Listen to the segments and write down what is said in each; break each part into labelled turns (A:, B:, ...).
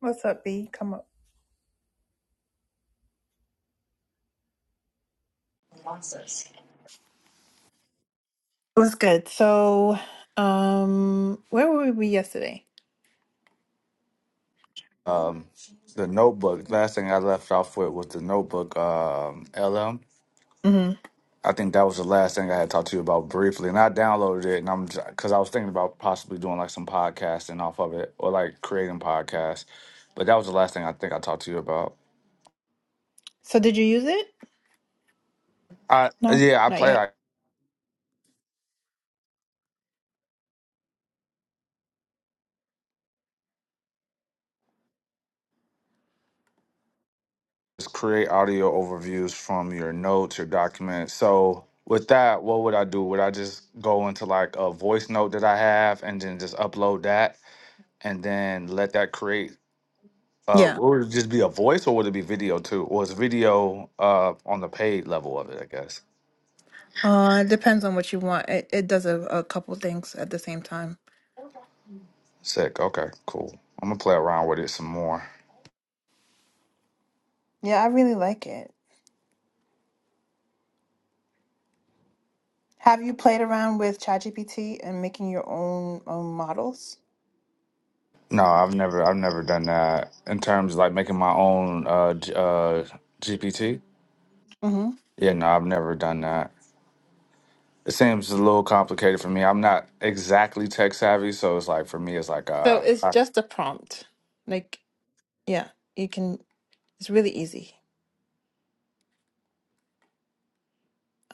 A: What's up, B? Come up. It Was good? So, um, where were we yesterday?
B: um the notebook last thing i left off with was the notebook um lm
A: hmm
B: i think that was the last thing i had talked to you about briefly and i downloaded it and i'm because i was thinking about possibly doing like some podcasting off of it or like creating podcasts but that was the last thing i think i talked to you about
A: So, did you use it?
B: i
A: No,
B: yeah i
A: not
B: play
A: yet.
B: like just create audio overviews from your notes your documents so with that what would i do would i just go into like a voice note that i have and then just upload that and then let that create Uh,
A: Yeah.
B: would it just be a voice or would it be video too? Or is video uh on the paid level of it, I guess.
A: Uh, it depends on what you want. It it does a, a couple things at the same time.
B: Sick. Okay, cool. I'm gonna play around with it some more.
A: Yeah, I really like it. Have you played around with ChatGPT and making your own own models?
B: No, I've never I've never done that in terms of like making my own uh G- uh GPT.
A: hmm
B: Yeah, no, I've never done that. It seems a little complicated for me. I'm not exactly tech savvy, so it's like for me it's like
A: So
B: uh
A: it's
B: I,
A: just a prompt. Like, yeah, you can. It's really easy.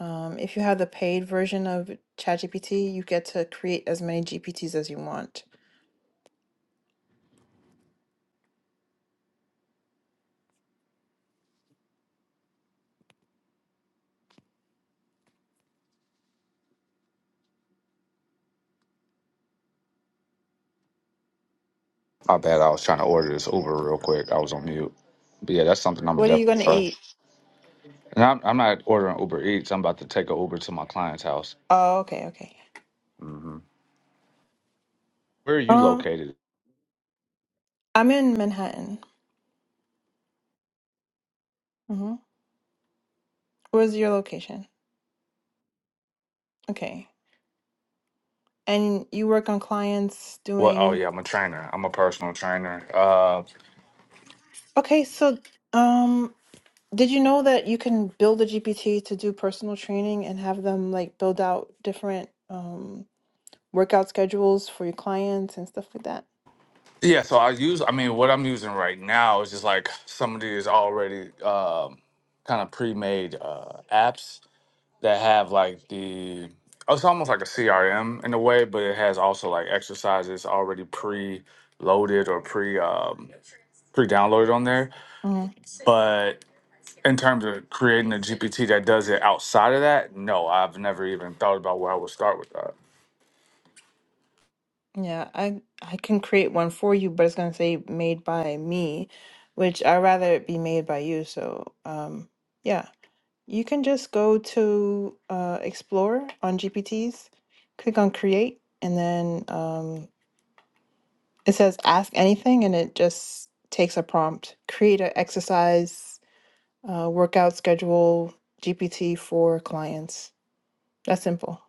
A: Um, if you have the paid version of ChatGPT, you get to create as many GPTs as you want.
B: I bet I was trying to order this Uber real quick. I was on mute. But yeah, that's something I'm gonna
A: What are you going
B: definitely
A: to
B: try.
A: eat?
B: And I'm, I'm not ordering Uber Eats. I'm about to take a Uber to my client's house.
A: Oh, okay, okay.
B: hmm Where are you
A: Um,
B: located?
A: I'm in Manhattan. hmm Where's your location? Okay. And you work on clients
B: Well, oh
A: doing.
B: yeah, I'm a trainer. I'm a personal trainer. Uh,
A: Okay, so um, did you know that you can build a GPT to do personal training and have them like build out different um workout schedules for your clients and stuff like that?
B: yeah, so I use. I mean, what I'm using right now is just like some of these already um, kind of pre-made uh, apps that have like the. oh, It's almost like a CRM in a way, but it has also like exercises already pre-loaded or pre um, pre-downloaded on there.
A: Mm,
B: but. in terms of creating a GPT that does it outside of that, no, I've never even thought about where I would start with that.
A: yeah, I I can create one for you, but it's gonna say made by me, which I'd rather it be made by you. So, um, yeah, you can just go to uh, Explorer on GPTs, click on Create, and then um, It says ask anything and it just takes a prompt. Create an exercise, uh, workout schedule, GPT for clients. That's simple.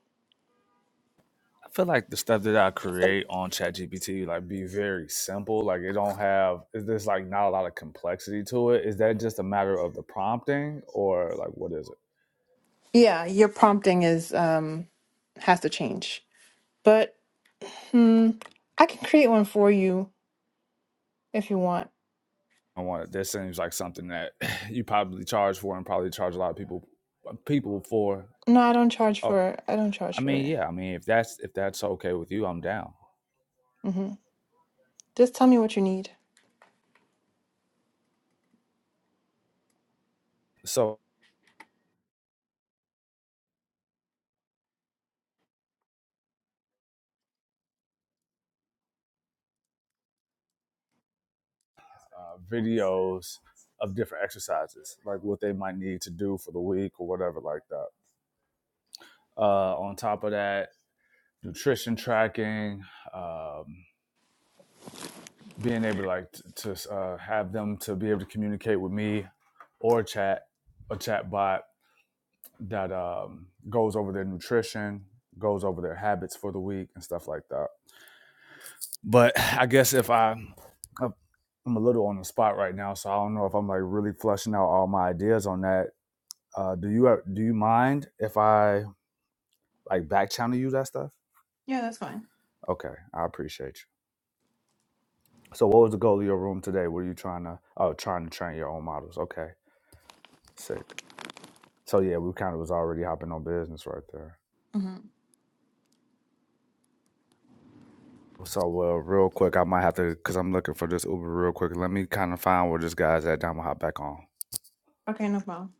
B: I feel like the stuff that I create on ChatGPT like be very simple. Like it don't have is there's like not a lot of complexity to it. Is that just a matter of the prompting or like what is it?
A: Yeah, your prompting is um, has to change. But hmm, I can create one for you if you want.
B: I want it. This seems like something that you probably charge for and probably charge a lot of people uh, people for.
A: No, I don't charge
B: Oh,
A: for it. I don't charge
B: I
A: for
B: mean,
A: it.
B: yeah. I mean, if that's if that's okay with you, I'm down.
A: hmm Just tell me what you need.
B: So, uh, videos of different exercises, like what they might need to do for the week or whatever, like that. Uh, on top of that, nutrition tracking, um, being able like t- to uh, have them to be able to communicate with me or chat a chat bot that um, goes over their nutrition, goes over their habits for the week and stuff like that. But I guess if I, I'm a little on the spot right now, so I don't know if I'm like really flushing out all my ideas on that. Uh, do you have- do you mind if I like back channel you that stuff?
A: Yeah, that's fine.
B: Okay, I appreciate you. So, what was the goal of your room today? Were you trying to oh trying to train your own models? Okay, sick. So yeah, we kind of was already hopping on business right there.
A: hmm
B: So, well, real quick, I might have to, because I'm looking for this Uber real quick. Let me kind of find where this guy's at. Then I'm going to hop back on.
A: Okay, no problem.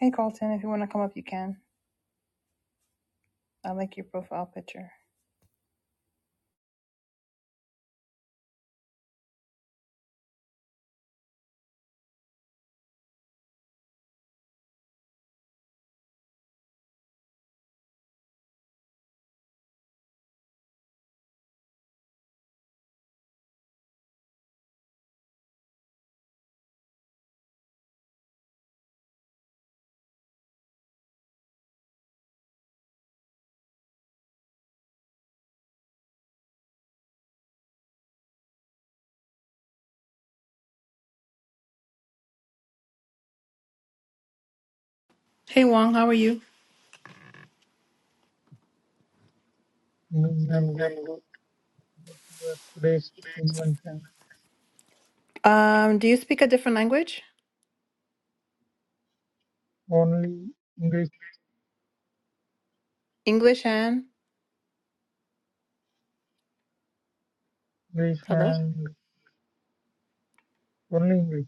A: Hey, Carlton, if you want to come up, you can. I like your profile picture. Hey, Wong, how are you?
C: New and good were today's invention.
A: Um, do you speak a different language?
C: Only English,
A: English and
C: English
A: Hello?
C: and only English.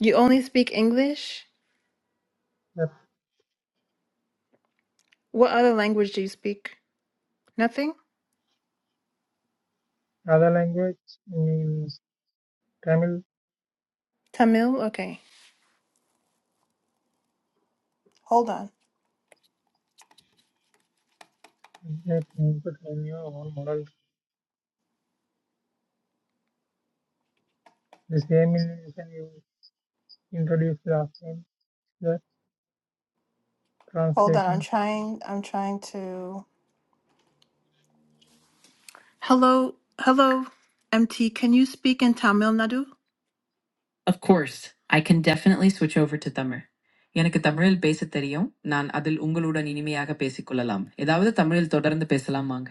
A: you only speak English?
C: The
A: What other language do you speak? Nothing?
C: other language means Tamil.
A: Tamil? Okay. Hold on.
C: They input a new own model. The same invention you introduced last time. The
A: Hold on. I'm
C: translating.
A: trying I'm trying to Hello hello MT, can you speak in Tamil Nadu? Of course, I can definitely switch over to Tamil. எனக்கு தமிழில் பேச தெரியும் நான் அதில் உங்களுடன் இனிமையாக பேசிக்கொள்ளலாம் ஏதாவது தமிழில் தொடர்ந்து பேசலாமாங்க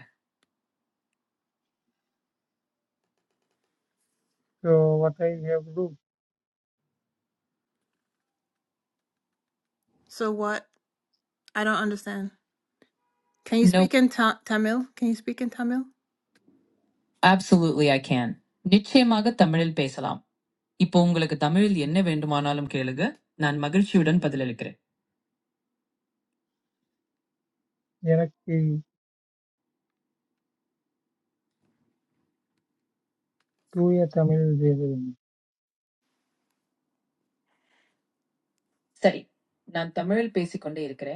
C: So what I have to do?
A: So what? I don't understand. Can you No, speak in ta- Tamil? Can you speak in Tamil? Absolutely, I can. Niche maga Tamil paysalam. Ipo ungolaga Tamilian ne vendumanalum kelega. Nand magar chudan padhalikre.
C: எனக்கு தூய தமிழ் தேவையில்லை
A: Sorry, nand Tamil paysi kondeyikre.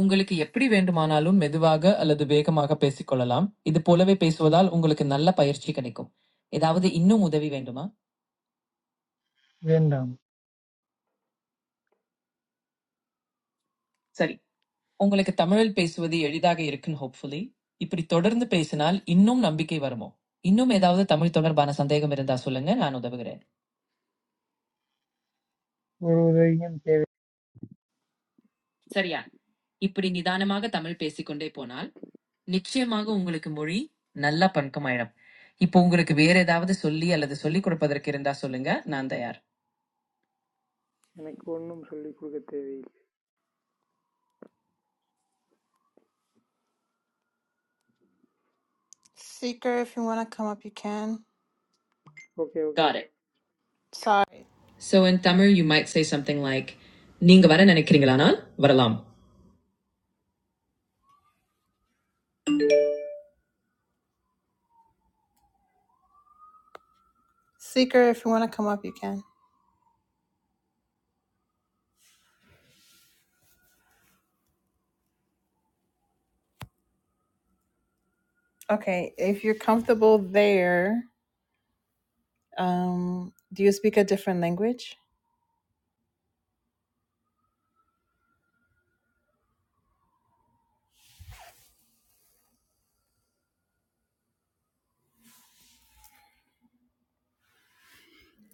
A: Ungolake yappri vendumanalum medhuaga alladu beka maga paysi kollalam. Idu polave payswadal ungolake nalla payarchi kenneko. Idaavude inno mudavi vendu ma.
C: வேண்டாம்
A: Sorry. உங்களுக்கு தமிழில் பேசுவது எளிதாக இருக்கும் hopefully இப்படி தொடர்ந்து பேசினால் இன்னும் நம்பிக்கை வருமோ இன்னும் ஏதாவது தமிழ் தொடர்பான சந்தேகம் இருந்தா சொல்லுங்க நான் உதவுகிறேன்
C: ஒரு உதவியும் தேவை
A: சரியா இப்படி நிதானமாக தமிழ் பேசிக்கொண்டே போனால் நிச்சயமாக உங்களுக்கு மொழி நல்லா பழக்கமாயிடும் இப்போ உங்களுக்கு வேற ஏதாவது சொல்லி அல்லது சொல்லிக் கொடுப்பதற்கு இருந்தா சொல்லுங்க நான் தயார்
C: எனக்கு ஒன்றும் சொல்லிக் கொடுக்க தேவையில்லை
A: Seeker, if you want to come up, you can.
C: Okay okay
A: Got it. Sorry. So in Tamil you might say something like நீங்க வர நினைக்கிறீங்களானால் வரலாம் Seeker, if you want to come up, you can. Okay, if you're comfortable there, um, do you speak a different language?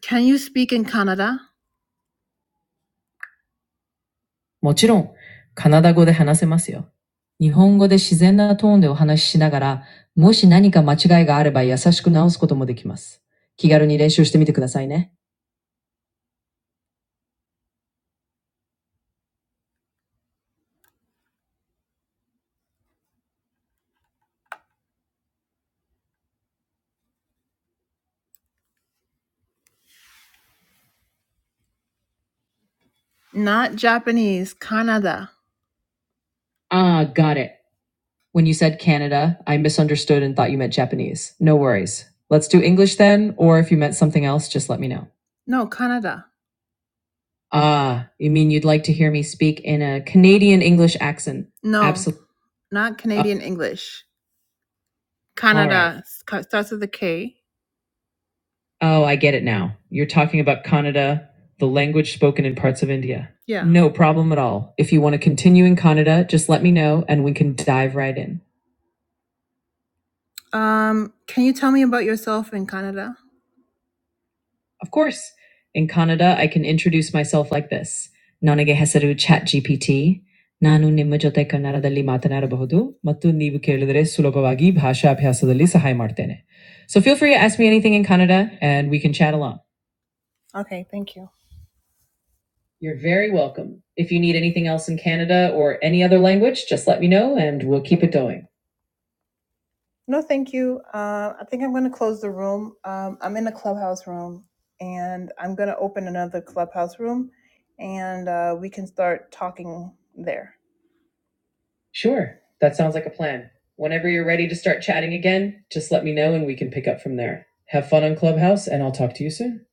A: Can you speak in Canada? もちろん、カナダ語で話せますよ。日本語で自然なトーンでお話ししながら、もし何か間違いがあれば優しく直すこともできます。気軽に練習してみてくださいね。Japanese, Canada. Ah, got it. When you said Canada, I misunderstood and thought you meant Japanese. No worries. Let's do English then, or if you meant something else, just let me know. No, Canada. Ah, you mean you'd like to hear me speak in a Canadian English accent? No, Absolutely. not Canadian oh. English. Canada sc- starts with a K. Oh, I get it now. You're talking about Kannada, the language spoken in parts of India. Yeah. No problem at all. If you want to continue in Kannada, just let me know and we can dive right in. Um, can you tell me about yourself in Canada? Of course, in Kannada, I can introduce myself like this. ನನಗೆ ಹೆಸರು chat G P T ನಾನು ನಿಮ್ಮ ಜೊತೆ ಕನ್ನಡದಲ್ಲಿ ಮಾತನಾಡಬಹುದು ಮತ್ತು ನೀವು ಕೇಳಿದರೆ ಸುಲಭವಾಗಿ ಭಾಷಾಭ್ಯಾಸದಲ್ಲಿ ಸಹಾಯ ಮಾಡ್ತೇನೆ So feel free to ask me anything in Kannada and we can chat along. Okay, thank you. You're very welcome. If you need anything else in Canada or any other language, just let me know and we'll keep it going. No, thank you. Uh, I think I'm going to close the room. Um, I'm in a clubhouse room, and I'm going to open another clubhouse room, and uh, we can start talking there. Sure. That sounds like a plan. Whenever you're ready to start chatting again, just let me know and we can pick up from there. Have fun on Clubhouse, and I'll talk to you soon.